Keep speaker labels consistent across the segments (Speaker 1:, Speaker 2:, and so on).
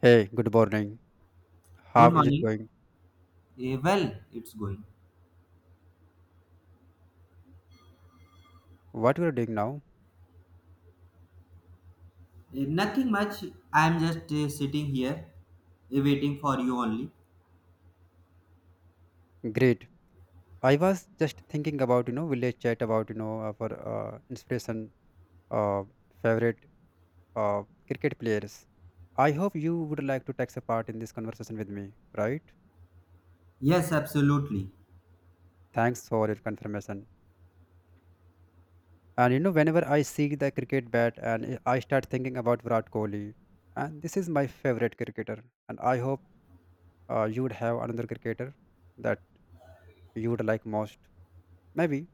Speaker 1: Hey, good morning.
Speaker 2: Good
Speaker 1: How is it
Speaker 2: morning.
Speaker 1: going?
Speaker 2: Well, it's going.
Speaker 1: What we are doing now?
Speaker 2: Nothing much. I'm just sitting here waiting for you only.
Speaker 1: Great. I was just thinking about village chat about our inspiration uh, favorite cricket players. I hope you would like to take a part in this conversation with me, right?
Speaker 2: Yes, absolutely.
Speaker 1: Thanks for your confirmation. And whenever I see the cricket bat and I start thinking about Virat Kohli, and this is my favorite cricketer. And I hope you would have another cricketer that you would like most. Maybe.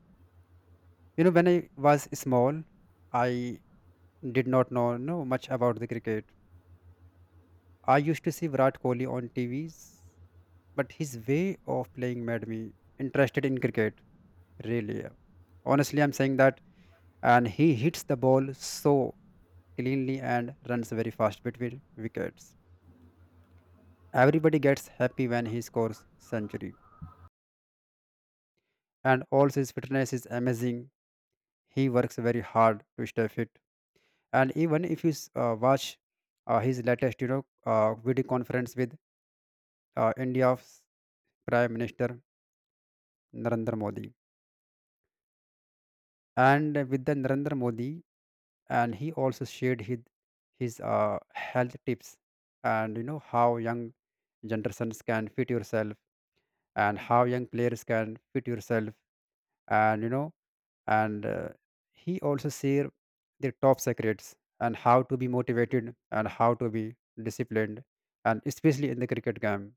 Speaker 1: You know, when I was small, I did not know much about the cricket. I used to see Virat Kohli on TVs, but his way of playing made me interested in cricket, really. Yeah. Honestly, I'm saying that. And he hits the ball so cleanly and runs very fast between wickets. Everybody gets happy when he scores century. And also his fitness is amazing. He works very hard to stay fit, and even if you watch his latest video conference with India's prime minister Narendra Modi, and with the Narendra Modi. And he also shared his health tips and how young generations can fit yourself, and how young players can fit yourself. And and he also share the top secrets, and how to be motivated, and how to be disciplined, and especially in the cricket game,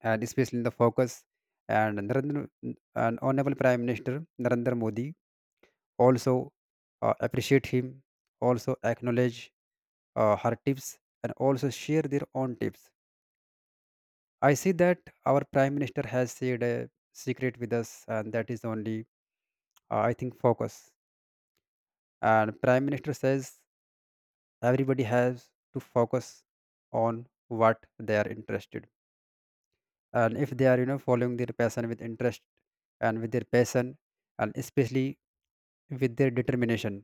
Speaker 1: and especially in the focus. And Narendra, and honorable prime minister Narendra Modi also appreciate him, also acknowledge her tips, and also share their own tips. I see that our prime minister has shared a secret with us, and that is only I think focus. And prime minister says everybody has to focus on what they are interested, and if they are following their passion with interest and with their passion, and especially with their determination,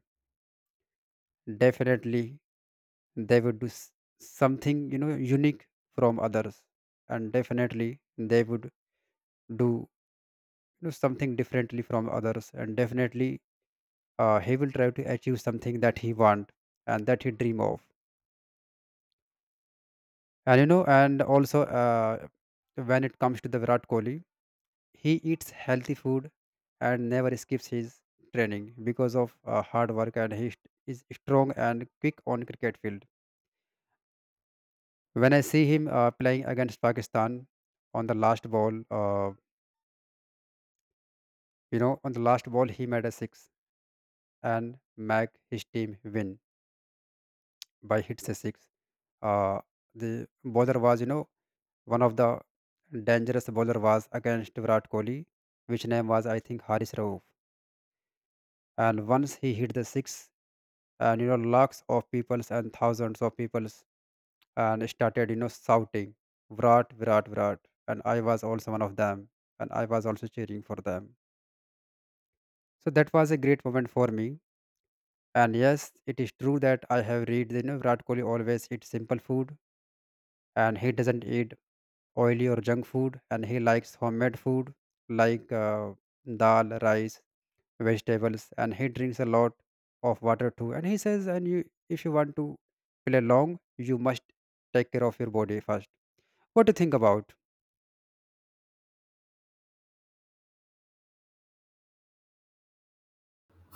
Speaker 1: definitely they would do something unique from others. And definitely they would do something differently from others, and definitely he will try to achieve something that he want, and that he dream of. And you know and also when it comes to the Virat Kohli, he eats healthy food and never skips his training because of hard work, and he is strong and quick on cricket field. When I see him playing against Pakistan on the last ball, on the last ball he made a six and make his team win by hits a six. Uh, the bowler was, you know, one of the dangerous bowler was against Virat Kohli, which name was I think Haris Rauf. And once he hit the six, and lakhs of peoples and thousands of peoples and started shouting Virat, Virat, Virat. And I was also one of them, and I was also cheering for them. So that was a great moment for me. And yes, it is true that I have read that Virat Kohli always eats simple food, and he doesn't eat oily or junk food, and he likes homemade food, like dal, rice, vegetables. And he drinks a lot of water too. And he says, and you, if you want to play long, you must take care of your body first. What do you think about?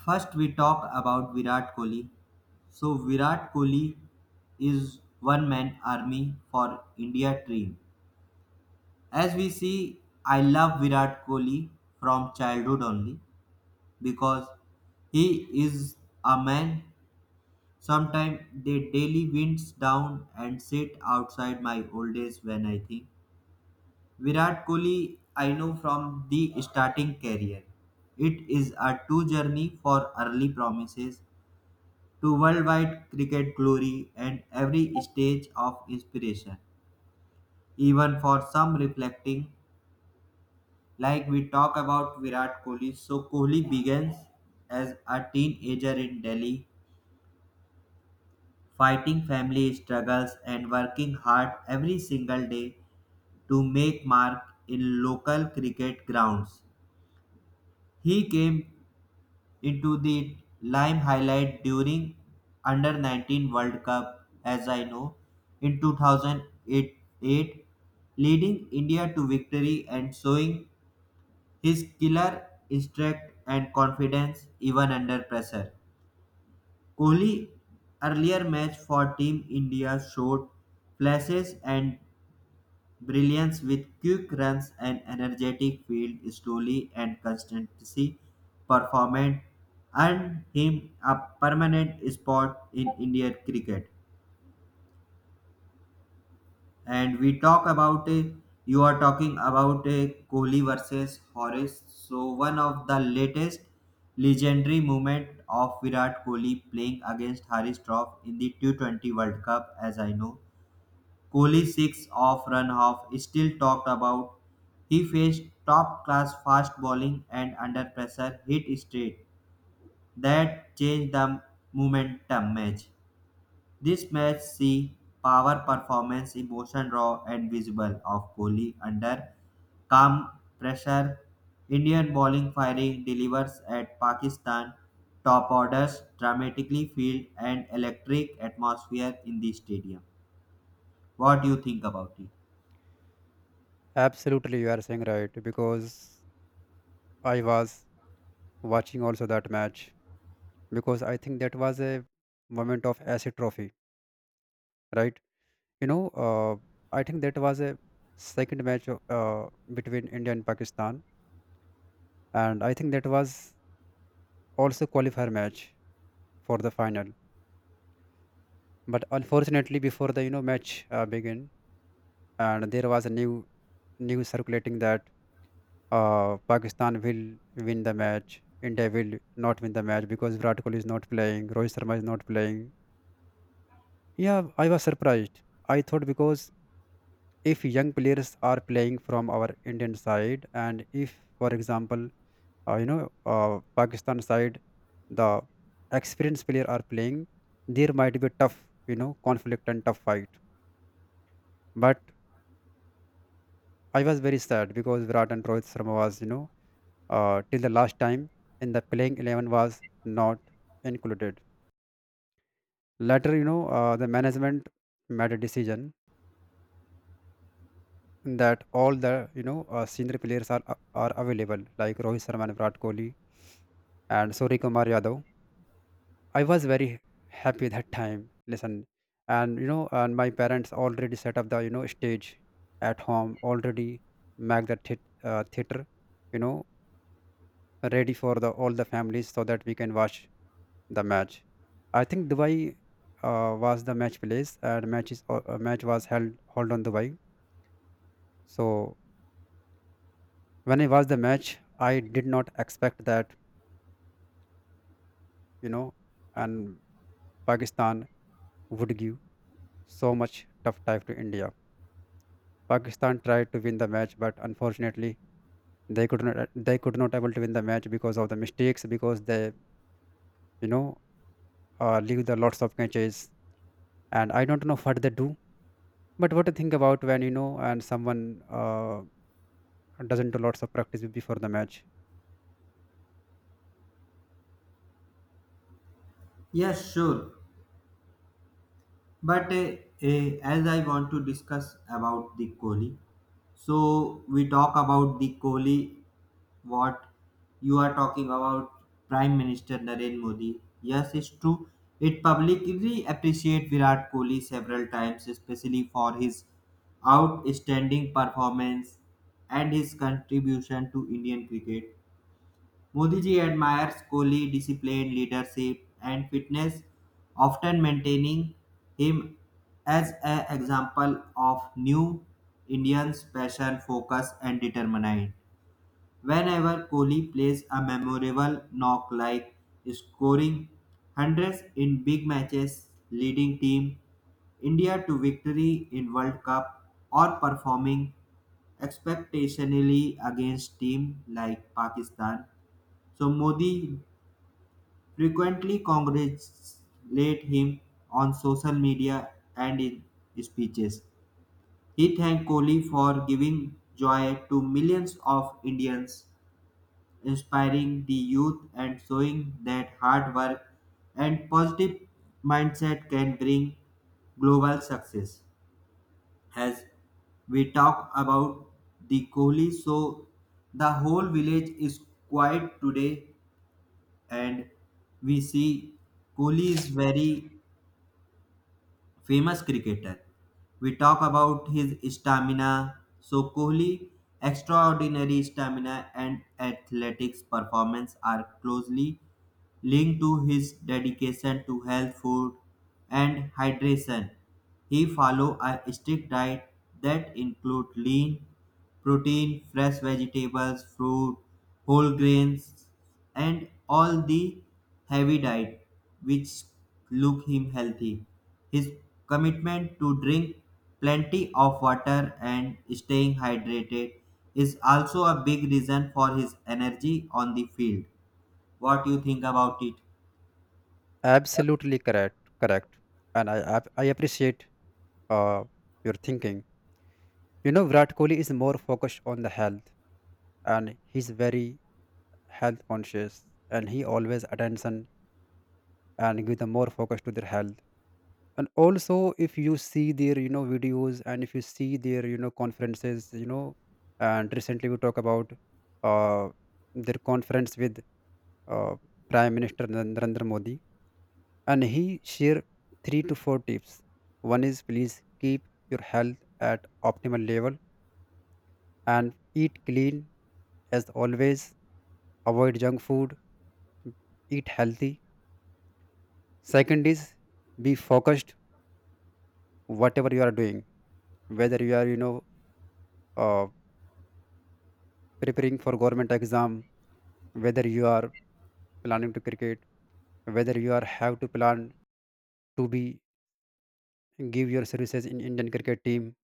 Speaker 2: First, we talk about Virat Kohli. So, Virat Kohli is one man army for India dream. As we see, I love Virat Kohli from childhood only because he is a man. Sometimes the daily winds down and sit outside my old days when I think Virat Kohli, I know from the starting career. It is a true journey for early promises to worldwide cricket glory and every stage of inspiration. Even for some reflecting, like we talk about Virat Kohli, so Kohli begins as a teenager in Delhi, fighting family struggles and working hard every single day to make mark in local cricket grounds. He came into the Lime highlight during under 19 World Cup as I know in 2008, leading India to victory and showing his killer instinct and confidence even under pressure. Kohli earlier match for Team India showed flashes and Brilliance with quick runs and energetic field slowly and consistency performance earned him a permanent spot in Indian cricket. And we talk about a, you are talking about a Kohli versus Horace. So one of the latest legendary moment of Virat Kohli playing against Harry Troff in the T20 World Cup, as I know. Kohli six-off run off is still talked about. He faced top-class fast bowling and under pressure hit straight that changed the momentum match. This match see power performance, emotion raw and visible of Kohli under calm pressure. Indian bowling firing delivers at Pakistan top orders dramatically field and electric atmosphere in the stadium. What do you think about it?
Speaker 1: Absolutely, you are saying right, because I was watching also that match, because I think that was a moment of acid trophy, right? you know uh, I think that was a second match of, between India and Pakistan, and I think that was also qualifier match for the final. But unfortunately, before the match began, and there was a news circulating that Pakistan will win the match, India will not win the match because Virat Kohli is not playing, Rohit Sharma is not playing. Yeah, I was surprised. I thought because if young players are playing from our Indian side, and if, for example, Pakistan side, the experienced player are playing, there might be tough, you know, conflict and tough fight. But I was very sad because Virat and Rohit Sharma was, you know, till the last time in the playing 11 was not included. Later, the management made a decision that all the, senior players are available, like Rohit Sharma and Virat Kohli and Suri Kumar Yadav. I was very happy that time. Listen, and, and my parents already set up the stage at home, already make the theater, you know, ready for the all the families so that we can watch the match. I think Dubai was the match place, and match was held on Dubai. So when I watched the match, I did not expect that you know, and Pakistan would give so much tough time to India. Pakistan tried to win the match, but unfortunately, they could not able to win the match because of the mistakes, because they you know leave the lots of catches. And I don't know what they do. But what to think about when you know and someone doesn't do lots of practice before the match?
Speaker 2: Yes, sure. But as I want to discuss about the Kohli, so we talk about the Kohli. What you are talking about, Prime Minister Narendra Modi. Yes, it's true. It publicly appreciate Virat Kohli several times, especially for his outstanding performance and his contribution to Indian cricket. Modiji admires Kohli discipline, leadership and fitness, often maintaining him as an example of new Indians' passion, focus and determination. Whenever Kohli plays a memorable knock like scoring hundreds in big matches, leading team India to victory in World Cup or performing expectationally against team like Pakistan, so Modi frequently congratulated him on social media and in speeches. He thanked Kohli for giving joy to millions of Indians, inspiring the youth and showing that hard work and positive mindset can bring global success. As we talk about the Kohli, so the whole village is quiet today and we see Kohli is very famous cricketer. We talk about his stamina. So Kohli extraordinary stamina and athletics performance are closely linked to his dedication to health food and hydration. He follow a strict diet that include lean protein, fresh vegetables, fruit, whole grains, and all the heavy diet, which look him healthy. His commitment to drink plenty of water and staying hydrated is also a big reason for his energy on the field. What you think about it?
Speaker 1: Absolutely correct. And I appreciate uh, your thinking. You know, Virat Kohli is more focused on the health, and he's very health conscious, and he always attention and give the more focus to their health. And also, if you see their videos, and if you see their conferences, you know, and recently we talk about uh, their conference with uh, Prime Minister Narendra Modi, and he shared three to four tips. One is, please keep your health at optimal level and eat clean as always. Avoid junk food. Eat healthy. Second is, be focused whatever you are doing, whether you are uh, preparing for government exam, whether you are planning to cricket, whether you are have to plan to be give your services in Indian cricket team.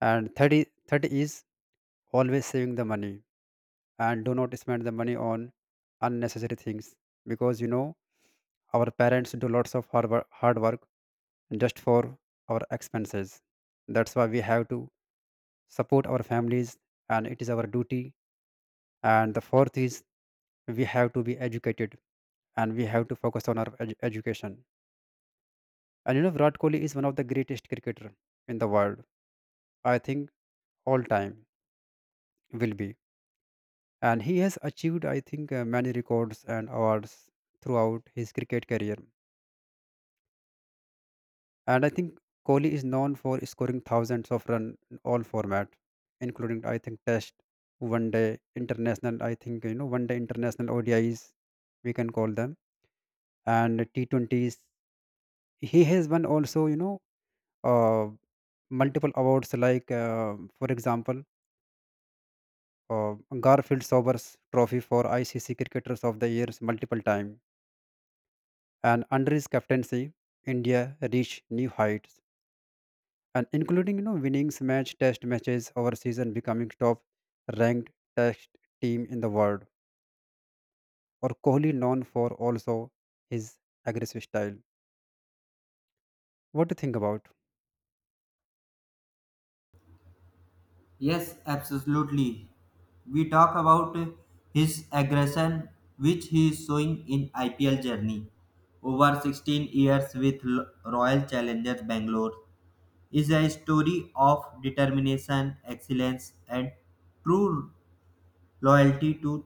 Speaker 1: And third is always saving the money and do not spend the money on unnecessary things, because you know our parents do lots of hard work just for our expenses. That's why we have to support our families, and it is our duty. And the fourth is, we have to be educated, and we have to focus on our education. And you know, Virat Kohli is one of the greatest cricketer in the world, I think, all time will be. And he has achieved, I think, many records and awards throughout his cricket career. And I think Kohli is known for scoring thousands of runs in all format, including I think test, one day international, I think, you know, one day international, ODIs we can call them, and T20s. He has won also, you know, uh, multiple awards, like for example, uh, Garfield Sobers Trophy for ICC Cricketers of the Years multiple times. And under his captaincy, India reached new heights, and including you know winning match test matches over season, becoming top ranked test team in the world. Or Kohli known for also his aggressive style. What do you think about?
Speaker 2: Yes, absolutely. We talk about his aggression which he is showing in IPL journey over 16 years with Royal Challengers Bangalore. Is a story of determination, excellence, and true loyalty to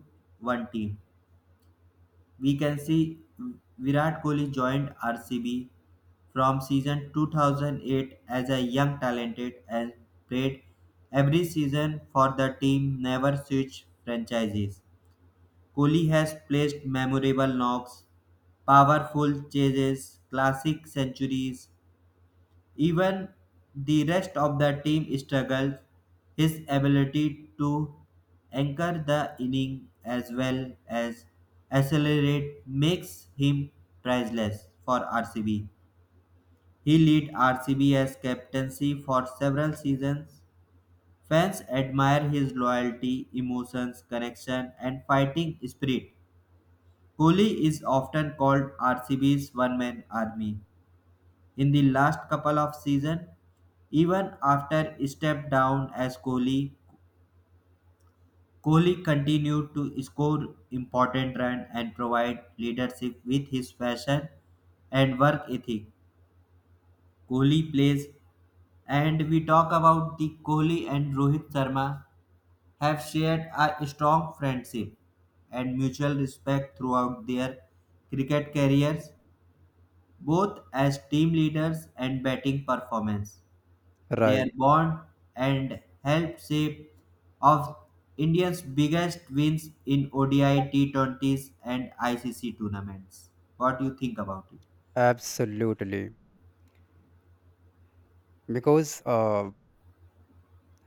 Speaker 2: one team. We can see Virat Kohli joined RCB from season 2008 as a young talented and played every season for the team, never switched franchises. Kohli has placed memorable knocks, powerful chases, classic centuries, Even the rest of the team struggles. His ability to anchor the inning as well as accelerate makes him priceless for RCB. He led RCB as captaincy for several seasons. Fans admire his loyalty, emotions, connection, and fighting spirit. Kohli is often called RCB's one man army in the last couple of season. Even after he stepped down as Kohli, Kohli continued to score important runs and provide leadership with his passion and work ethic. Kohli plays, and we talk about the Kohli and Rohit Sharma have shared a strong friendship and mutual respect throughout their cricket careers, both as team leaders and batting performance. Their
Speaker 1: Right,
Speaker 2: bond and helped shape of India's biggest wins in ODI, T20s, and ICC tournaments. What do you think about it?
Speaker 1: absolutely. Because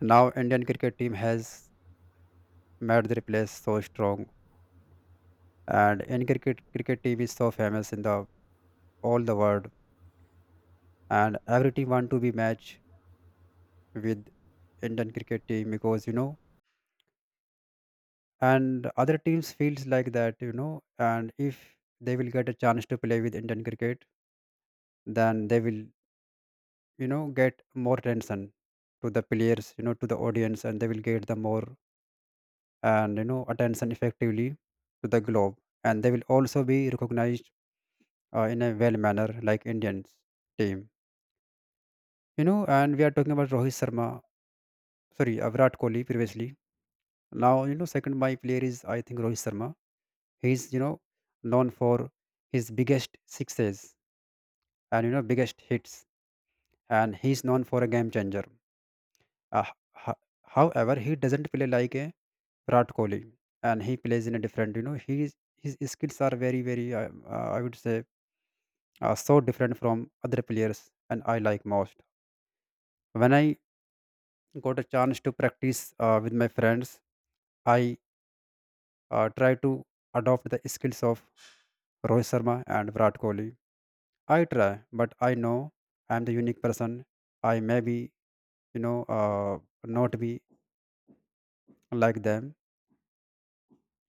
Speaker 1: now Indian cricket team has made their place so strong, and Indian cricket team is so famous in the all the world, and every team want to be matched with Indian cricket team, because you know, and other teams feels like that you know, and if they will get a chance to play with Indian cricket, then they will get more attention to the players, you know, to the audience, and they will get the more and attention effectively to the globe, and they will also be recognized in a well manner like Indians team, you know. And we are talking about Rohit Sharma, sorry, Virat Kohli previously. Now you know, second my player is I think Rohit Sharma. He's, you know, known for his biggest sixes and you know biggest hits, and he's known for a game changer. Uh, However, he doesn't play like a Virat Kohli, and he plays in a different. You know, his skills are very. I would say so different from other players, and I like most. When I got a chance to practice with my friends, I try to adopt the skills of Rohit Sharma and Virat Kohli. I try, but I know I'm the unique person. I may be, you know, uh, not be like them.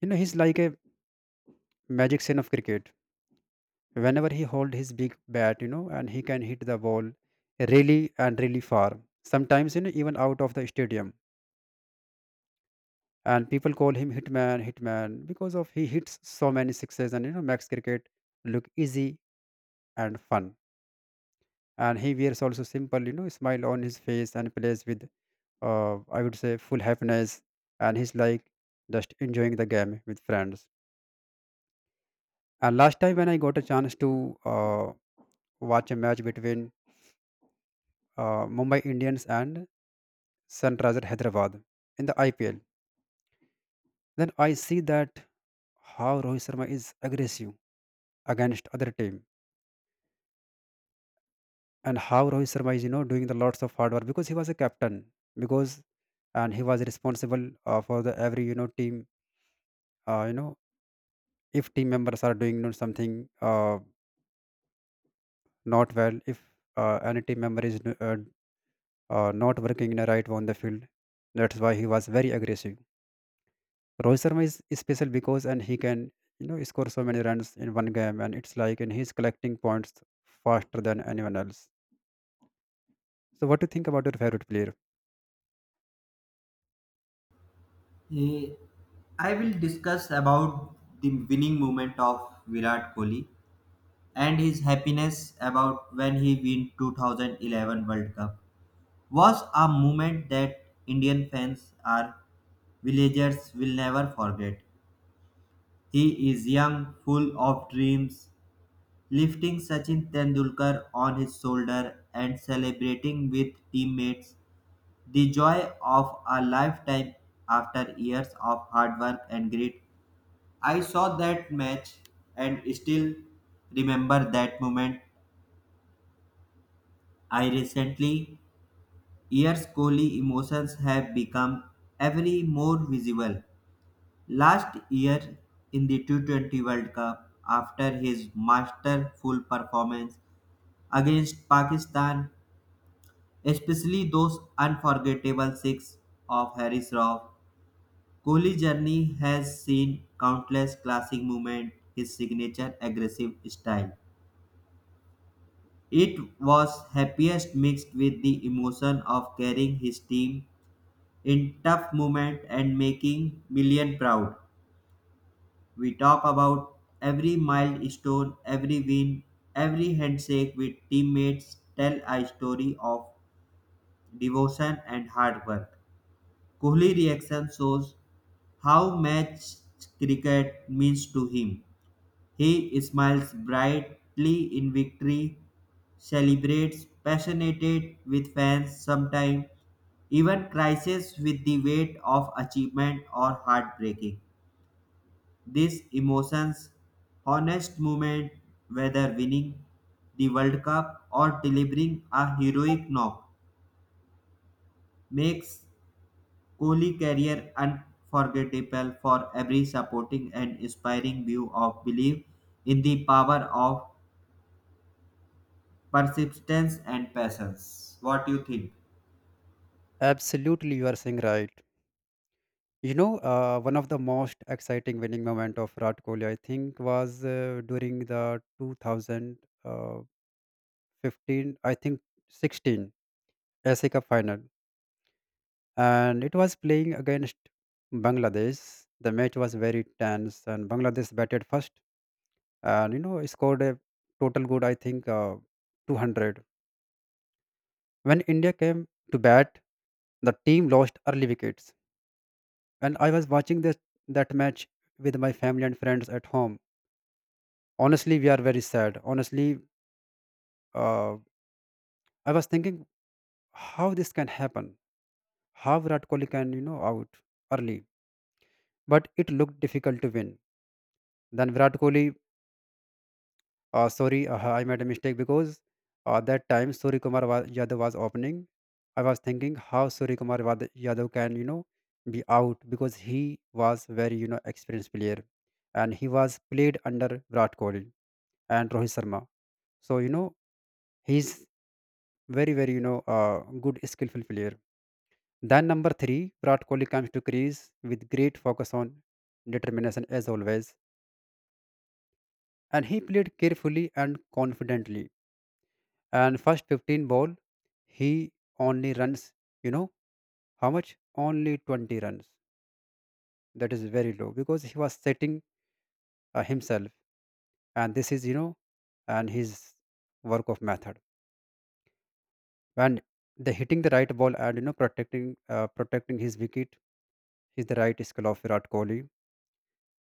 Speaker 1: You know, he's like a magician of cricket. Whenever he hold his big bat, you know, and he can hit the ball really and really far. Sometimes, you know, even out of the stadium. And people call him hitman, hitman, because of he hits so many sixes and makes cricket look easy and fun. And he wears also simple, smile on his face and plays with I would say full happiness, and he's like just enjoying the game with friends. And last time when I got a chance to watch a match between Mumbai Indians and Sunrisers Hyderabad in the IPL, then I see that how Rohit Sharma is aggressive against other team and how Rohit Sharma is doing the lots of hard work because he was a captain because and he was responsible for the every team uh, you know if team members are doing something not well if any team member is not working in a right way on the field. That's why he was very aggressive. Rohit Sharma is special because and he can score so many runs in one game and it's like and he's collecting points faster than anyone else. So what do you think about your favorite player?
Speaker 2: Eh, I will discuss about the winning moment of Virat Kohli and his happiness about when he win 2011 World Cup was a moment that Indian fans or villagers will never forget. He is young, full of dreams, lifting Sachin Tendulkar on his shoulder and celebrating with teammates. The joy of a lifetime after years of hard work and grit. I saw that match and still remember that moment. I recently years Kohli emotions have become every more visible. Last year in the T20 World Cup, after his masterful performance against Pakistan, especially those unforgettable six of Harris Raw. Kohli's journey has seen countless classic moments, his signature aggressive style. It was happiest mixed with the emotion of carrying his team in tough moments and making million proud. We talk about every milestone, every win, every handshake with teammates tell a story of devotion and hard work. Kohli reaction shows how much cricket means to him. He smiles brightly in victory, celebrates passionately with fans sometimes, even crises with the weight of achievement or heartbreaking. These emotions, honest moment, whether winning the World Cup or delivering a heroic knock, makes Kohli career unforgettable for every supporting and inspiring view of belief in the power of persistence and patience. What do you think?
Speaker 1: Absolutely, you are saying right. One of the most exciting winning moment of Virat Kohli, I think, was during the 2015, I think 16 SC Cup final. And it was playing against Bangladesh. The match was very tense, and Bangladesh batted first, and scored a total good, I think, 200. When India came to bat, the team lost early wickets, and I was watching this that match with my family and friends at home. Honestly, we are very sad. Honestly, uh, I was thinking how this can happen, how Virat Kohli can out early, but it looked difficult to win. Then Virat Kohli sorry, I made a mistake because that time Yadav was opening. I was thinking how Yadav can, be out because he was very, experienced player and he was played under Virat Kohli and Rohit Sharma. So, he's very, good, skillful player. Then number three, Virat Kohli comes to crease with great focus on determination as always. And he played carefully and confidently and first 15 ball he only runs you know how much only 20 runs that is very low because he was setting himself and this is and his work of method and the hitting the right ball and protecting protecting his wicket is the right skill of Virat Kohli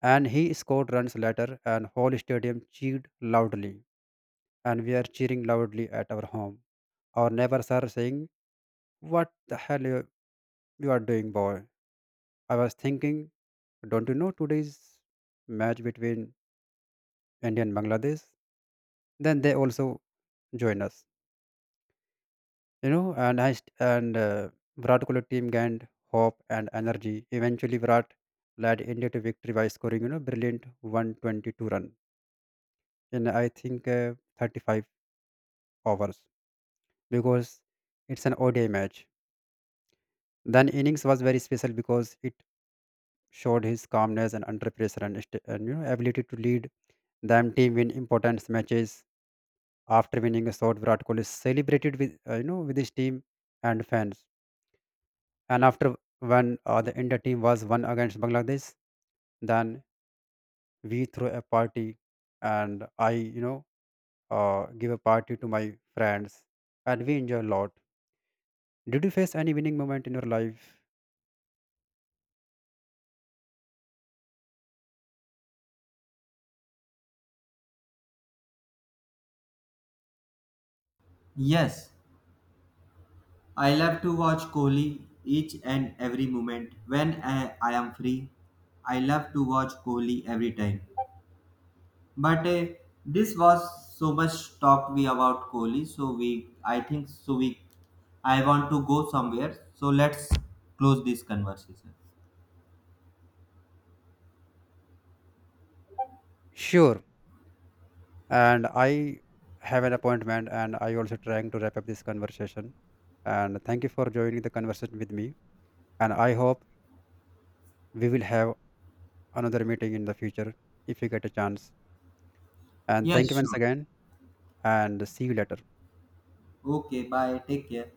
Speaker 1: and he scored runs later and whole stadium cheered loudly and we are cheering loudly at our home our neighbors are saying what the hell you are doing boy I was thinking, don't you know today's match between India and Bangladesh? Then they also join us, And I st- and Virat Kohli team gained hope and energy. Eventually, Virat led India to victory by scoring, brilliant 122 run in I think 35 overs because it's an ODI match. Then innings was very special because it showed his calmness and under pressure and ability to lead them team in important matches. After winning a shot, Virat Kohli celebrated with with his team and fans. And after when the India team was won against Bangladesh, then we threw a party, and I give a party to my friends, and we enjoy a lot. Did you face any winning moment in your life?
Speaker 2: Yes, I love to watch Kohli each and every moment when I am free. I love to watch Kohli every time. But this was so much talked we about Kohli, so we I think so we I want to go somewhere. So let's close this conversation.
Speaker 1: Sure, and I have an appointment, and I also trying to wrap up this conversation. And thank you for joining the conversation with me. And I hope we will have another meeting in the future if you get a chance. And thank
Speaker 2: Yes,
Speaker 1: you once
Speaker 2: sure.
Speaker 1: again and see you later.
Speaker 2: Okay, bye. Take care.